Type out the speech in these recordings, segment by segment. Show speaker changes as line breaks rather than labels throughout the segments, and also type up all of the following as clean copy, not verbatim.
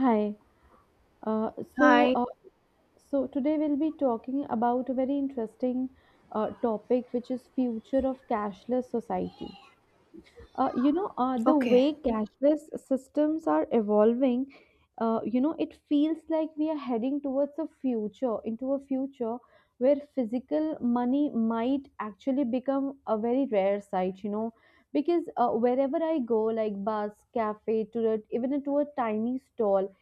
Hi. Uh, so,
Hi.
uh, so today we'll be talking about a very interesting topic, which is future of cashless society. The
Okay.
way cashless systems are evolving, it feels like we are heading towards a future where physical money might actually become a very rare sight. You know, because wherever I go, like bus, cafe, even to a tiny stall,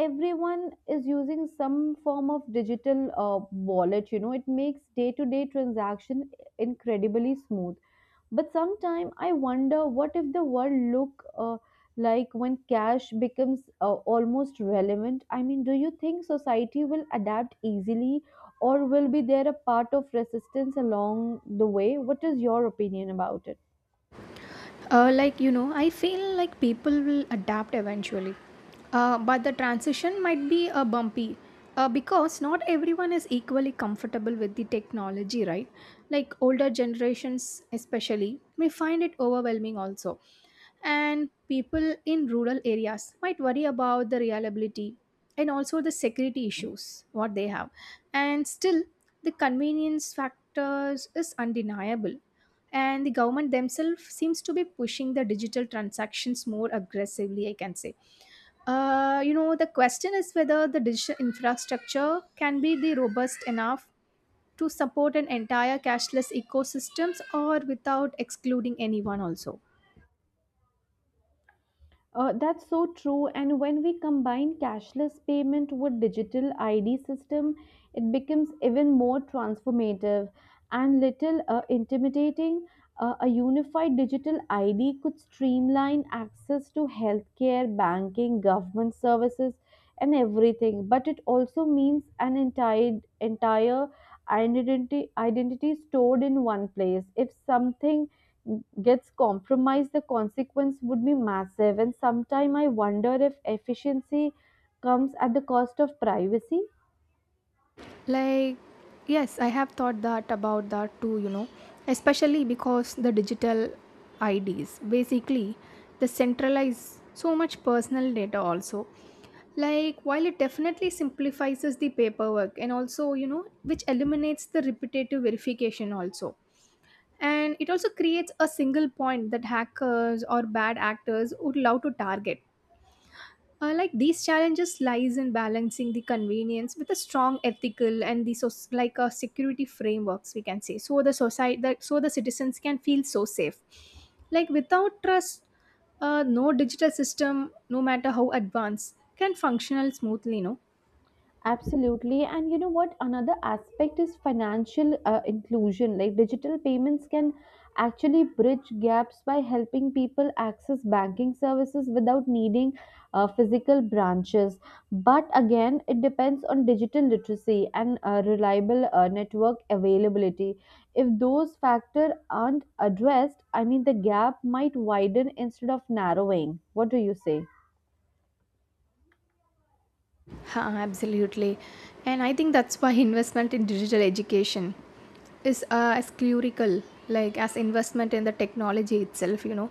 everyone is using some form of digital wallet. You know, it makes day to day transaction incredibly smooth, but sometimes I wonder what if the world look like when cash becomes almost relevant. I mean, do you think society will adapt easily, or will be there a part of resistance along the way? What is your opinion about it?
I feel like people will adapt eventually. But the transition might be bumpy because not everyone is equally comfortable with the technology, right? Like, older generations, especially, may find it overwhelming also. And people in rural areas might worry about the reliability and also the security issues, what they have. And still, the convenience factors is undeniable, and the government themselves seems to be pushing the digital transactions more aggressively, I can say. You know, the question is whether the digital infrastructure can be the robust enough to support an entire cashless ecosystems or without excluding anyone also.
That's so true. And when we combine cashless payment with digital ID system, it becomes even more transformative and little intimidating. A unified digital ID could streamline access to healthcare, banking, government services, and everything. But it also means an entire identity stored in one place. If something gets compromised, the consequence would be massive. And sometimes I wonder if efficiency comes at the cost of privacy.
Like, yes, I have thought that about that too, you know, especially because the digital IDs basically they centralize so much personal data also. Like, while it definitely simplifies the paperwork and also, you know, which eliminates the repetitive verification also. And it also creates a single point that hackers or bad actors would love to target. Like, these challenges lies in balancing the convenience with a strong ethical and the like security frameworks, we can say, so the society that so the citizens can feel so safe, like without trust. No digital system, no matter how advanced, can functional smoothly, no.
Absolutely. And you know what? Another aspect is financial inclusion. Like digital payments can actually bridge gaps by helping people access banking services without needing physical branches. But again, it depends on digital literacy and reliable network availability. If those factors aren't addressed, I mean, the gap might widen instead of narrowing. What do you say?
Ha, absolutely. And I think that's why investment in digital education is as clerical, like as investment in the technology itself, you know.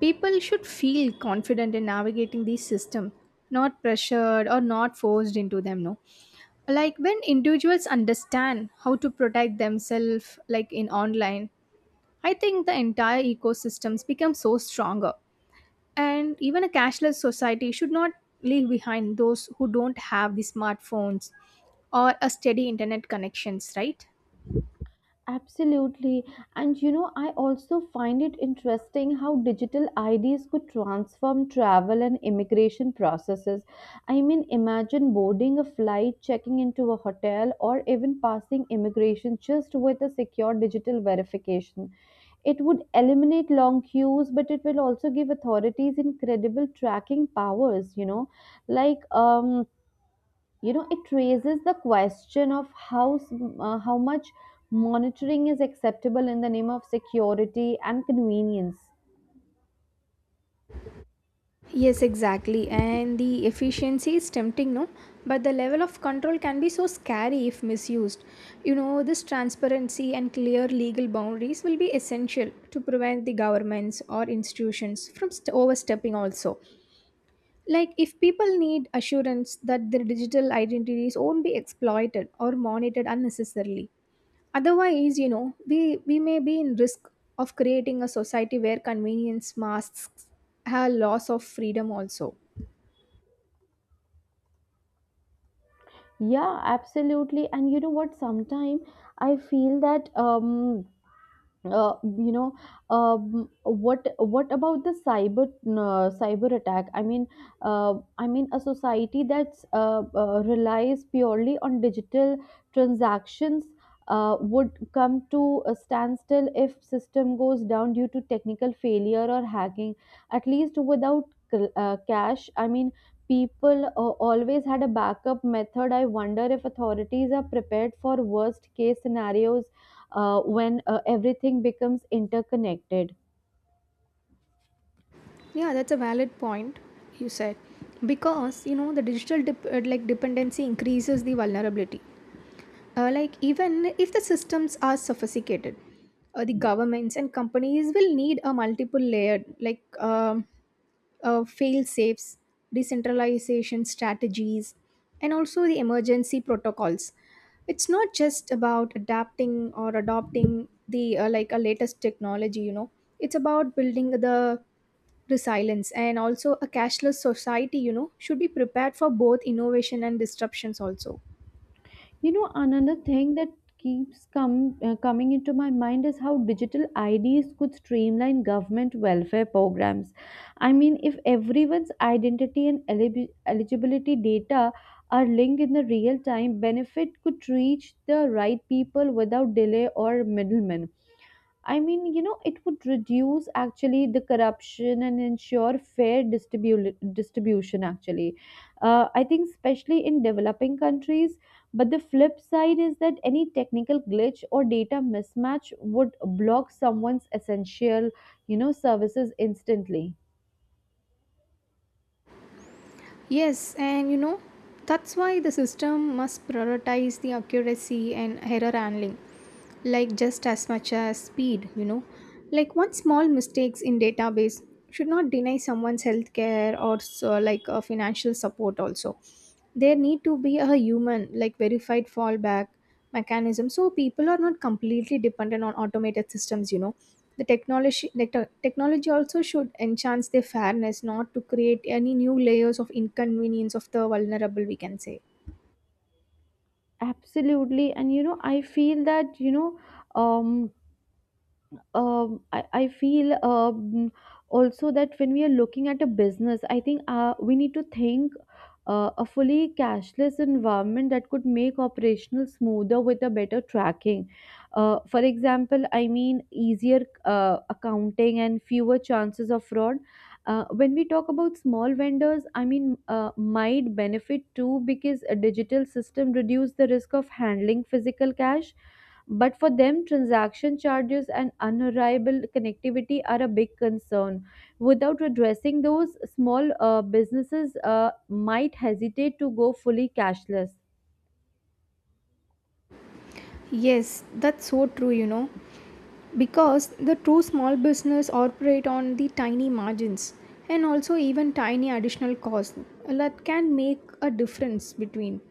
People should feel confident in navigating the system, not pressured or not forced into them, no. Like, when individuals understand how to protect themselves, like in online, I think the entire ecosystems become so stronger. And even a cashless society should not leave behind those who don't have the smartphones or a steady internet connections, right?
Absolutely. And you know, I also find it interesting how digital IDs could transform travel and immigration processes. I mean, imagine boarding a flight, checking into a hotel, or even passing immigration just with a secure digital verification. It would eliminate long queues, but it will also give authorities incredible tracking powers, you know, like, it raises the question of how much monitoring is acceptable in the name of security and convenience.
Yes, exactly. And the efficiency is tempting, no? But the level of control can be so scary if misused. You know, this transparency and clear legal boundaries will be essential to prevent the governments or institutions from overstepping, also. Like, if people need assurance that their digital identities won't be exploited or monitored unnecessarily. Otherwise, you know, we may be in risk of creating a society where convenience masks a loss of freedom also.
Yeah, absolutely. And you know what? Sometimes I feel that you know what about the cyber cyber attack? I mean, a society that's relies purely on digital transactions would come to a standstill if system goes down due to technical failure or hacking. At least without cash, I mean, people always had a backup method. I wonder if authorities are prepared for worst case scenarios when everything becomes interconnected.
Yeah, that's a valid point you said. Because, you know, the digital like dependency increases the vulnerability. Like, even if the systems are sophisticated, the governments and companies will need a multiple layered like fail safes, decentralization strategies, and also the emergency protocols. It's not just about adapting or adopting the like a latest technology. You know, it's about building the resilience and also a cashless society. You know, should be prepared for both innovation and disruptions also.
You know, another thing that keeps come coming into my mind is how digital IDs could streamline government welfare programs. I mean, if everyone's identity and eligibility data are linked in the real time, benefit could reach the right people without delay or middlemen. I mean, you know, it would reduce actually the corruption and ensure fair distribution, actually. I think, especially in developing countries. But the flip side is that any technical glitch or data mismatch would block someone's essential, you know, services instantly.
Yes, and you know, that's why the system must prioritize the accuracy and error handling, like just as much as speed, you know. Like, one small mistakes in database should not deny someone's healthcare or so like a financial support also. There need to be a human like verified fallback mechanism so people are not completely dependent on automated systems, you know. The technology, the technology also should enhance their fairness, not to create any new layers of inconvenience of the vulnerable, we can say.
Absolutely. And, you know, I feel that, you know, um, I feel also that when we are looking at a business, I think we need to think a fully cashless environment that could make operational smoother with a better tracking. For example, I mean easier accounting and fewer chances of fraud. When we talk about small vendors, I mean might benefit too because a digital system reduce the risk of handling physical cash, but for them, transaction charges and unreliable connectivity are a big concern. Without addressing those, small businesses might hesitate to go fully cashless.
Yes, that's so true, you know, because the true small business operate on the tiny margins and also even tiny additional costs that can make a difference between.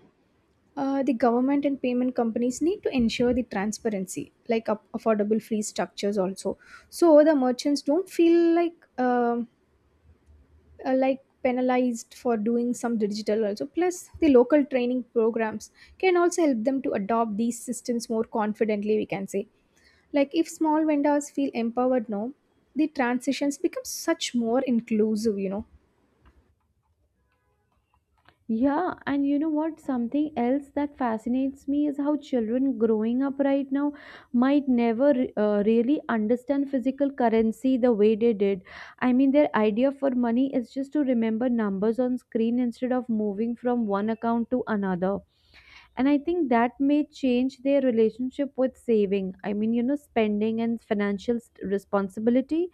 The government and payment companies need to ensure the transparency, like up affordable free structures also, so the merchants don't feel like penalized for doing some digital also. Plus, the local training programs can also help them to adopt these systems more confidently. We can say, like, if small vendors feel empowered, now the transitions become such more inclusive. You know,
Yeah, and you know what? Something else that fascinates me is how children growing up right now might never really understand physical currency the way they did. I mean, their idea for money is just to remember numbers on screen instead of moving from one account to another. And I think that may change their relationship with saving. I mean, you know, spending and financial responsibility.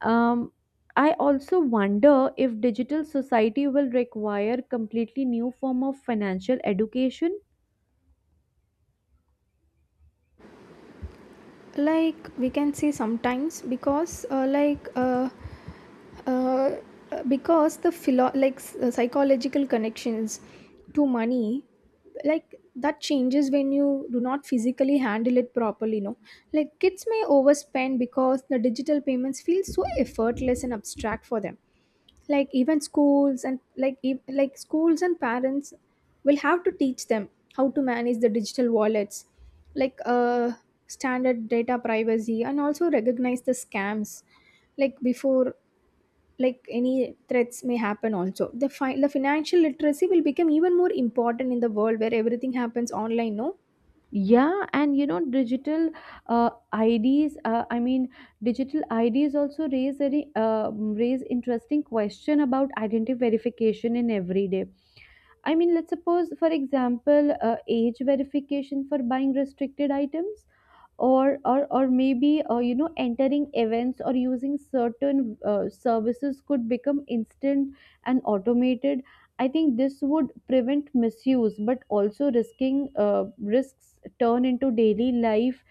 Um, I also wonder if digital society will require completely new form of financial education.
like we can say sometimes because like. Uh, because the psychological connections to money like that changes when you do not physically handle it properly, no. Like, kids may overspend because the digital payments feel so effortless and abstract for them. Like, even schools and like schools and parents will have to teach them how to manage the digital wallets, like uh standard data privacy, and also recognize the scams like before, like any threats may happen also. The the financial literacy will become even more important in the world where everything happens online, no.
Yeah, and you know, digital uh, IDs. I mean, digital IDs also raise interesting question about identity verification in everyday. I mean, let's suppose, for example, age verification for buying restricted items, or maybe you know, entering events or using certain services could become instant and automated. I think this would prevent misuse but also risking risks turn into daily life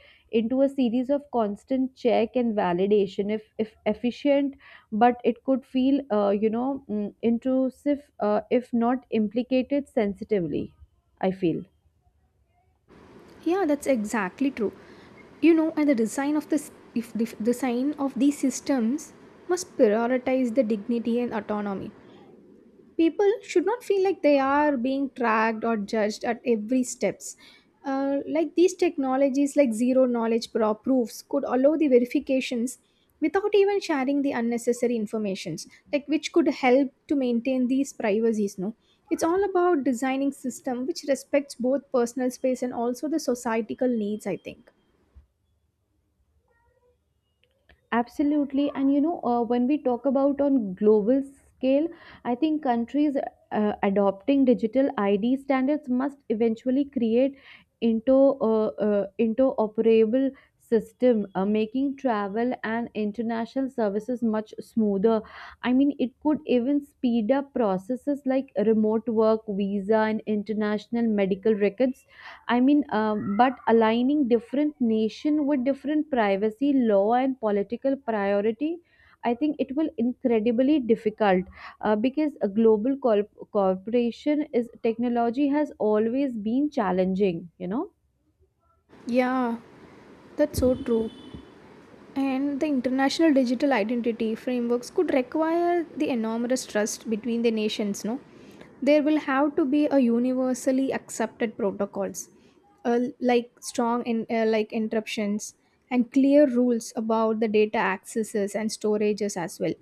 into a series of constant check and validation if efficient, but it could feel you know, intrusive if not implicated sensitively, I feel.
Yeah, that's exactly true, you know. And the design of this, if the design of these systems must prioritize the dignity and autonomy, people should not feel like they are being tracked or judged at every steps. Like, these technologies like zero knowledge proofs could allow the verifications without even sharing the unnecessary informations, like which could help to maintain these privacies, no. It's all about designing system which respects both personal space and also the societal needs, I think.
Absolutely. And you know, when we talk about on global scale, I think countries adopting digital ID standards must eventually create into interoperable system, making travel and international services much smoother. I mean, it could even speed up processes like remote work, visa, and international medical records. I mean, but aligning different nation with different privacy law and political priority, I think it will incredibly difficult because a global corporation is technology has always been challenging. You know.
Yeah, that's so true. And the international digital identity frameworks could require the enormous trust between the nations, no? There will have to be a universally accepted protocols, like strong like interruptions, and clear rules about the data accesses and storages as well.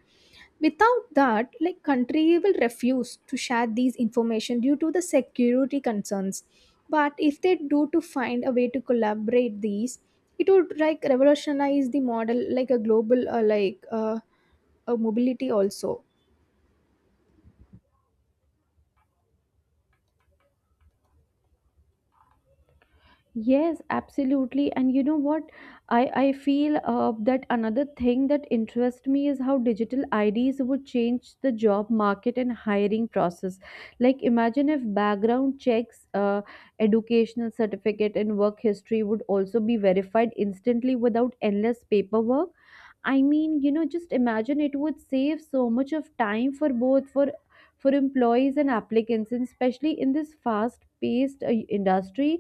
Without that, like, country will refuse to share these information due to the security concerns. But if they do to find a way to collaborate these, it would like revolutionize the model like a global a mobility also.
Yes, absolutely. And you know what? I feel that another thing that interests me is how digital IDs would change the job market and hiring process. Like, imagine if background checks, educational certificate, and work history would also be verified instantly without endless paperwork. I mean, you know, just imagine it would save so much of time for both for employees and applicants, and especially in this fast-paced industry.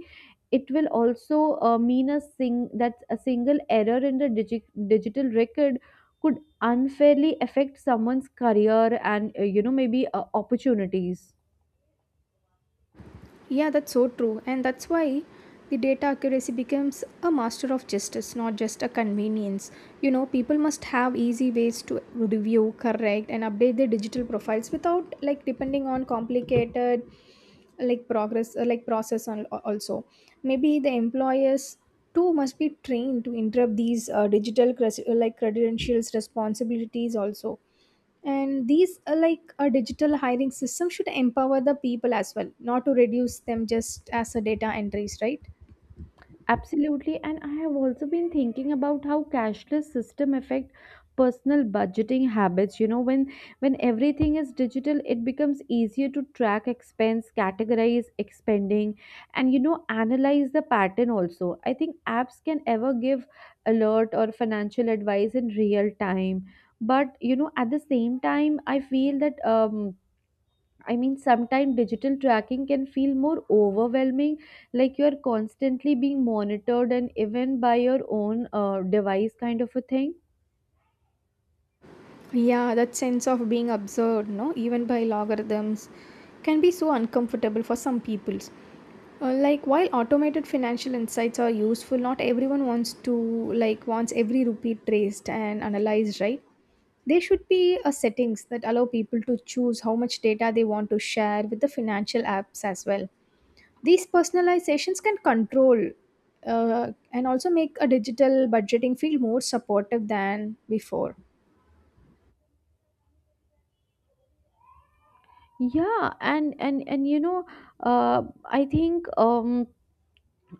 It will also mean a single error in the digital record could unfairly affect someone's career and you know, maybe opportunities.
Yeah, that's so true. And that's why the data accuracy becomes a master of justice, not just a convenience. You know, people must have easy ways to review, correct, and update their digital profiles without like depending on complicated like progress like process on also. Maybe the employers too must be trained to interrupt these digital like credentials responsibilities also. And these are like a digital hiring system should empower the people as well, not to reduce them just as a data entries, right?
Absolutely, and I have also been thinking about how cashless system affect personal budgeting habits. You know, when everything is digital, it becomes easier to track expense, categorize expending, and you know, analyze the pattern also. I think apps can ever give alert or financial advice in real time. But you know, at the same time, I feel that I mean, sometimes digital tracking can feel more overwhelming, like you're constantly being monitored and even by your own device, kind of a thing.
Yeah, that sense of being observed, no, even by logarithms can be so uncomfortable for some peoples. Like, while automated financial insights are useful, not everyone wants to like wants every rupee traced and analyzed, right? There should be a settings that allow people to choose how much data they want to share with the financial apps as well. These personalizations can control and also make a digital budgeting feel more supportive than before.
Yeah, and you know, uh, I think um,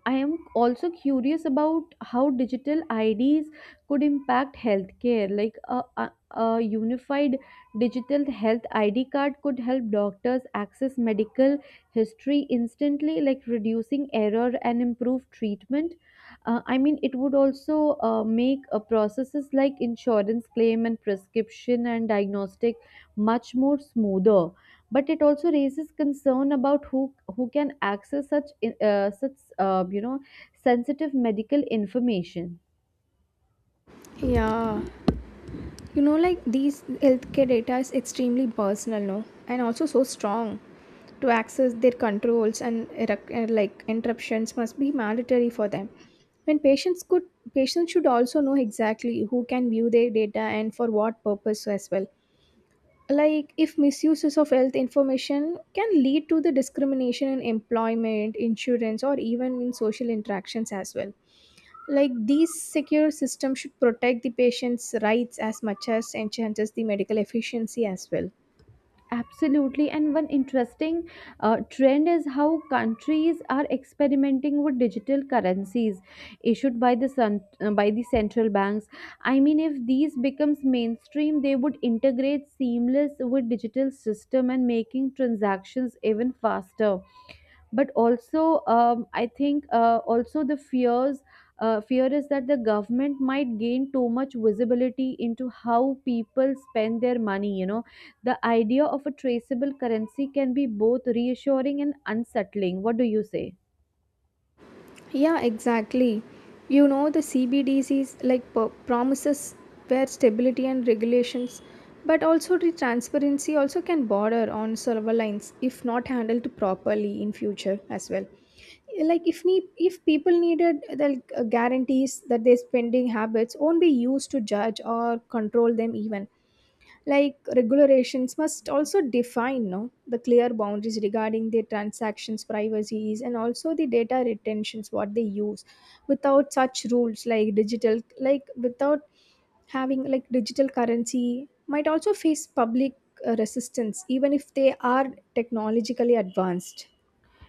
I am also curious about how digital IDs could impact healthcare. Like a unified digital health ID card could help doctors access medical history instantly, like reducing error and improve treatment. I mean, it would also make processes like insurance claim and prescription and diagnostic much more smoother, but it also raises concern about who can access such you know, sensitive medical information.
Yeah, you know, like these healthcare data is extremely personal, no, and also so strong. To access their controls and like interruptions must be mandatory for them. When patients should also know exactly who can view their data and for what purpose as well. Like, if misuses of health information can lead to the discrimination in employment insurance or even in social interactions as well. Like, these secure systems should protect the patient's rights as much as enhances the medical efficiency as well.
Absolutely, and one interesting trend is how countries are experimenting with digital currencies issued by by the central banks. I mean, if these becomes mainstream, they would integrate seamless with digital system and making transactions even faster. But also, I think also the fear is that the government might gain too much visibility into how people spend their money. You know, the idea of a traceable currency can be both reassuring and unsettling. What do you say?
Yeah, exactly. You know, the CBDCs like promises where stability and regulations, but also the transparency also can border on server lines if not handled properly in future as well. Like, if people needed the guarantees that their spending habits won't be used to judge or control them even. Like, regulations must also define, no, the clear boundaries regarding their transactions, privacies, and also the data retentions what they use. Without such rules, like without having like digital currency, might also face public resistance, even if they are technologically advanced.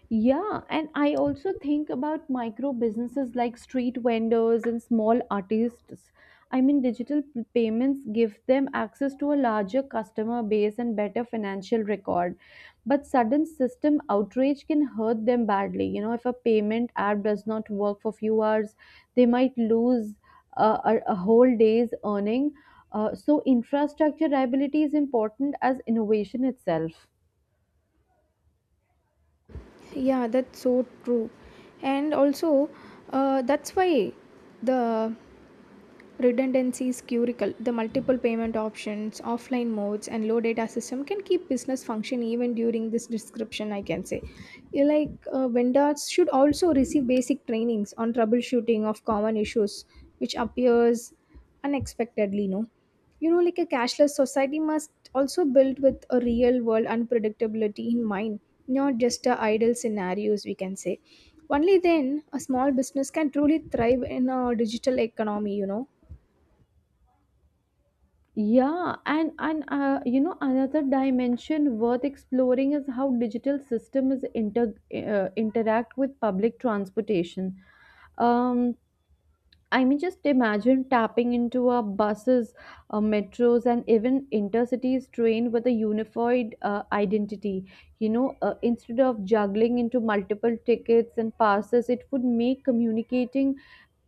Yeah, and I also think about micro businesses like street vendors and small artists. I mean, digital payments give them access to a larger customer base and better financial record. But sudden system outrage can hurt them badly. You know, if a payment app does not work for few hours, they might lose a whole day's earning. So infrastructure liability is important as innovation itself.
Yeah, that's so true. And also, that's why the Redundancy is critical. The multiple payment options, offline modes, and low data system can keep business function even during this description. I can say, you like vendors should also receive basic trainings on troubleshooting of common issues which appears unexpectedly. No, you know, like a cashless society must also build with a real world unpredictability in mind, not just a idle scenarios. We can say. Only then a small business can truly thrive in a digital economy, you know.
Yeah, and you know, another dimension worth exploring is how digital systems interact with public transportation. Um, I mean, just imagine tapping into our buses, metros, and even intercities train with a unified identity. You know, instead of juggling into multiple tickets and passes, it would make communicating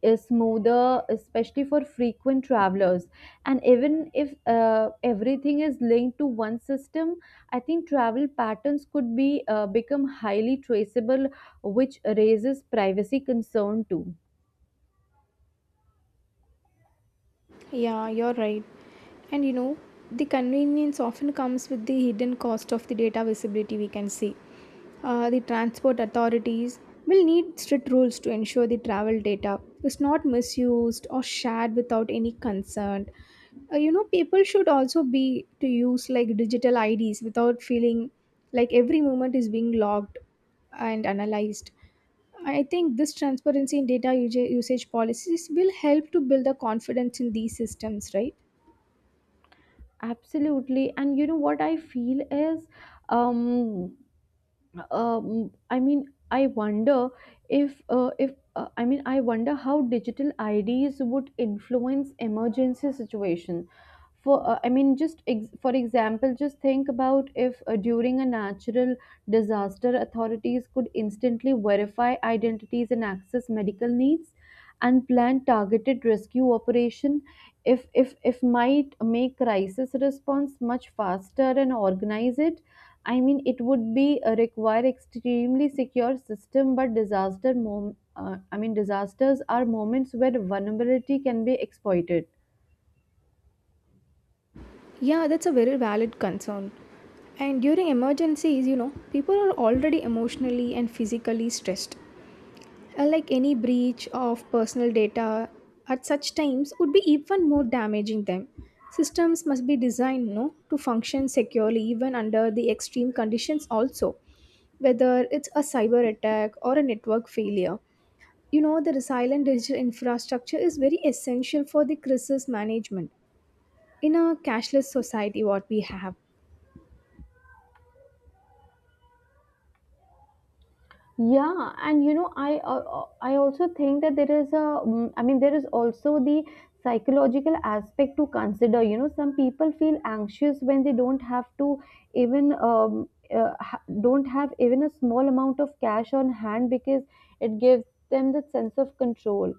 is smoother, especially for frequent travelers. And even if everything is linked to one system, I think travel patterns could be become highly traceable, which raises privacy concern too.
Yeah, you're right. And you know, the convenience often comes with the hidden cost of the data visibility, we can see. The transport authorities will need strict rules to ensure the travel data is not misused or shared without any consent. You know, people should also be to use like digital IDs without feeling like every moment is being logged and analyzed. I think this transparency in data usage policies will help to build the confidence in these systems, right?
Absolutely, and you know what I feel is. Um, I mean, I wonder if I mean, I wonder how digital IDs would influence emergency situation. For I mean, for example, just think about if during a natural disaster, authorities could instantly verify identities and access medical needs, and plan targeted rescue operation. If might make crisis response much faster and organize it. It would be require extremely secure system, but disasters are moments where vulnerability can be exploited.
Yeah, that's a very valid concern. And during emergencies, you know, people are already emotionally and physically stressed. Like, any breach of personal data at such times would be even more damaging them. Systems must be designed, you know, to function securely even under the extreme conditions also, whether it's a cyber attack or a network failure. You know, the resilient digital infrastructure is very essential for the crisis management in a cashless society what we have.
Yeah, and you know, I also think that there is a, mm, I mean, there is also the psychological aspect to consider. You know, some people feel anxious when they don't have to even don't have even a small amount of cash on hand because it gives them the sense of control.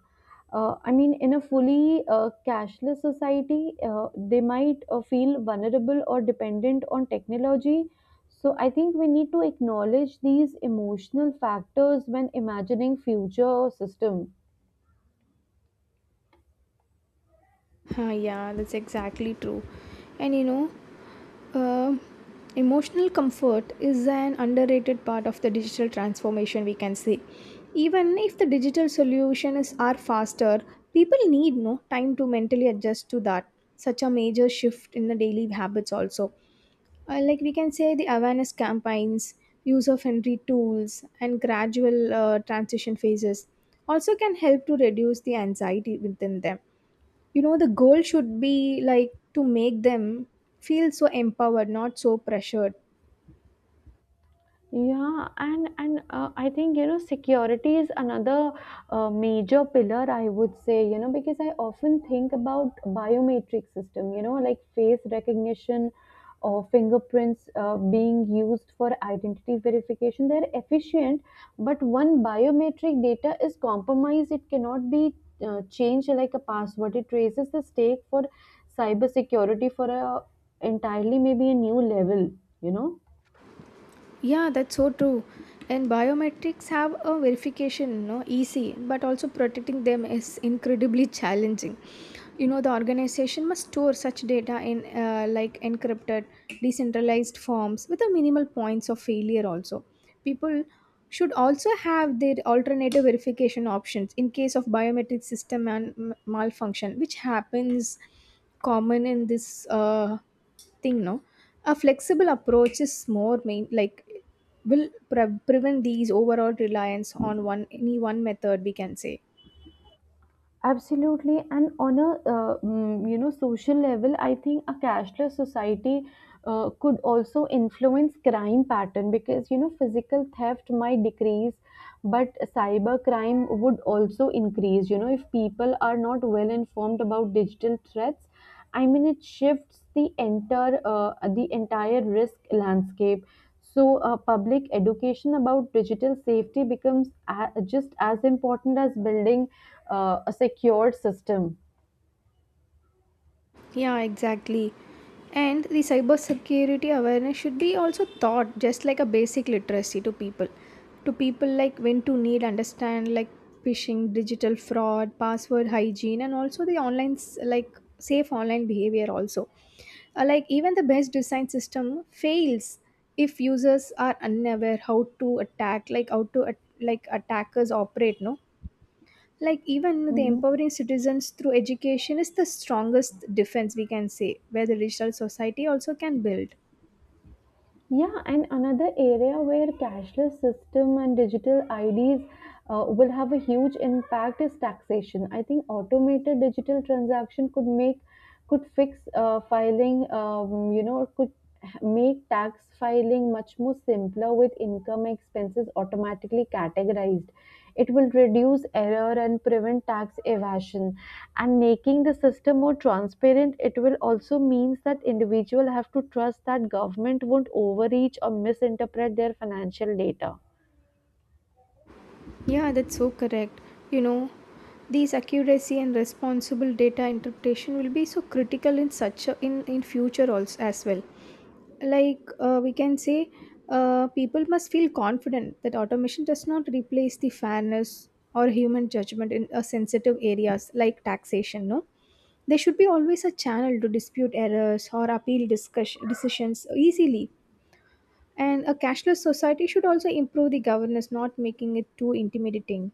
In a fully cashless society, they might feel vulnerable or dependent on technology, so I think we need to acknowledge these emotional factors when imagining future system.
Ah, yeah, that's exactly true. And you know, uh, emotional comfort is an underrated part of the digital transformation we can say. Even if the digital solutions are faster, people need no time to mentally adjust to that, such a major shift in the daily habits also. Like we can say, the awareness campaigns, use of friendly tools and gradual transition phases also can help to reduce the anxiety within them. You know, the goal should be like to make them feel so empowered, not so pressured.
Yeah, and I think, you know, security is another major pillar I would say, you know, because I often think about biometric system, you know, like face recognition or fingerprints being used for identity verification. They're efficient, but one biometric data is compromised, it cannot be changed like a password. It raises the stake for cybersecurity for a entirely maybe a new level, you know.
Yeah, that's so true. And biometrics have a verification, no, easy, but also protecting them is incredibly challenging. You know, the organization must store such data in like encrypted, decentralized forms with a minimal points of failure. Also, people should also have their alternative verification options in case of biometric system and malfunction, which happens common in this thing no. A flexible approach is more main, like will prevent these overall reliance on one any one method we can say.
Absolutely, and on a you know, social level, I think a cashless society could also influence crime pattern, because you know physical theft might decrease, but cyber crime would also increase. You know, if people are not well informed about digital threats, I mean it shifts the entire risk landscape. So, public education about digital safety becomes just as important as building a secure system.
Yeah, exactly. And the cyber security awareness should be also taught just like a basic literacy to people, to people like when to need understand like phishing, digital fraud, password hygiene and also the like safe online behavior also. Like even the best design system fails if users are unaware how to attack, like how to like attackers operate no. Like even the
Hmm.
empowering citizens through education is the strongest defense we can say, where the digital society also can build.
Yeah, and another area where cashless system and digital IDs will have a huge impact is taxation. I think automated digital transaction could fix could make tax filing much more simpler with income expenses automatically categorized. It will reduce error and prevent tax evasion. And making the system more transparent, it will also means that individuals have to trust that government won't overreach or misinterpret their financial data.
Yeah, that's so correct. You know, these accuracy and responsible data interpretation will be so critical in such a, in future also as well. Like we can say, people must feel confident that automation does not replace the fairness or human judgment in sensitive areas like taxation. No, there should be always a channel to dispute errors or appeal discussion, decisions easily. And a cashless society should also improve the governance, not making it too intimidating.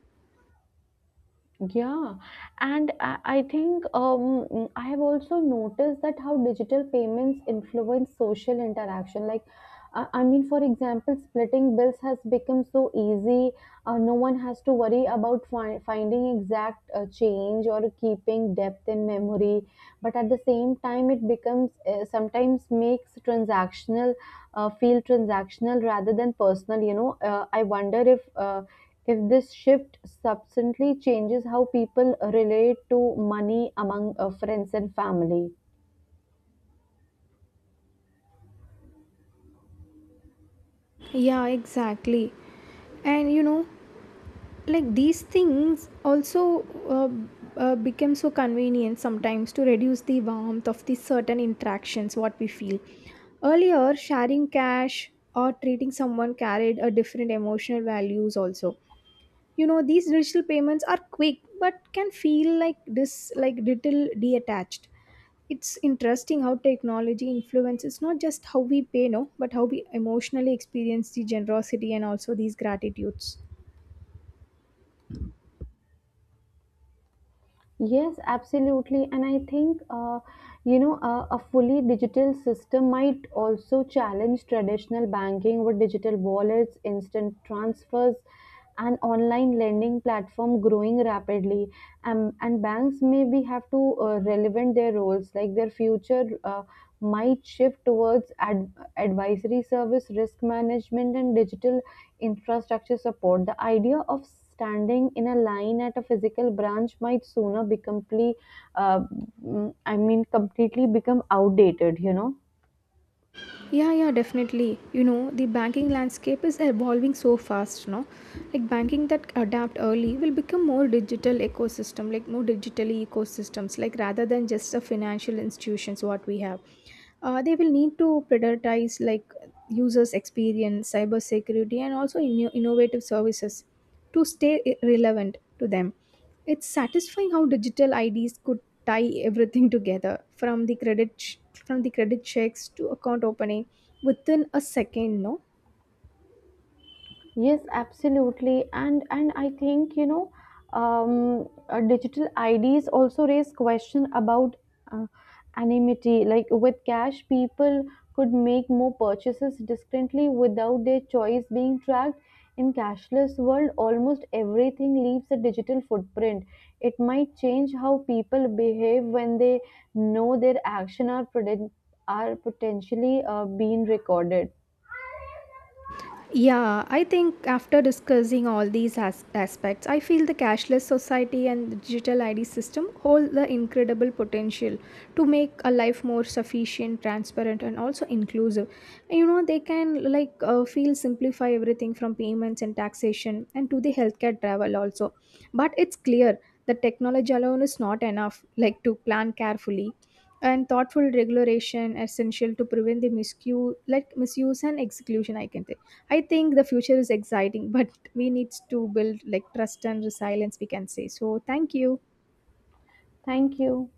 Yeah, and I think I have also noticed that how digital payments influence social interaction. Like, for example, splitting bills has become so easy. No one has to worry about finding exact change or keeping depth in memory. But at the same time, it becomes sometimes makes transactional feel transactional rather than personal. You know, I wonder if this shift substantially changes how people relate to money among friends and family.
Yeah, exactly. And you know, like these things also become so convenient sometimes to reduce the warmth of the certain interactions, what we feel. Earlier, sharing cash or treating someone carried a different emotional values also. You know, these digital payments are quick but can feel like this, like little detached. It's interesting how technology influences not just how we pay no, but how we emotionally experience the generosity and also these gratitudes.
Yes, absolutely. And I think, you know, a fully digital system might also challenge traditional banking with digital wallets, instant transfers, and online lending platform growing rapidly. And banks maybe have to relevant their roles, like their future. Might shift towards advisory service, risk management, and digital infrastructure support. The idea of standing in a line at a physical branch might sooner become uh, completely become outdated, you know.
Yeah, yeah, definitely. You know, the banking landscape is evolving so fast, no? Like banking that adapt early will become more digital ecosystem, like more digitally ecosystems, like rather than just a financial institutions what we have. They will need to prioritize like users experience, cyber security, and also innovative services to stay relevant to them. It's satisfying how digital IDs could tie everything together from the credit ch- from the credit checks to account opening within a second, no?
Yes, absolutely. And I think, you know, digital IDs also raise question about uh, anonymity. Like with cash, people could make more purchases discreetly without their choice being tracked. In cashless world, almost everything leaves a digital footprint. It might change how people behave when they know their action are, are potentially being recorded.
Yeah, I think after discussing all these aspects, I feel the cashless society and the digital ID system hold the incredible potential to make a life more sufficient, transparent, and also inclusive. You know, they can like feel simplify everything from payments and taxation and to the healthcare travel also. But it's clear that technology alone is not enough, like to plan carefully and thoughtful regulation essential to prevent the miscue, like misuse and execution I can say. I think the future is exciting but we need to build like trust and resilience we can say. So thank you.
Thank you.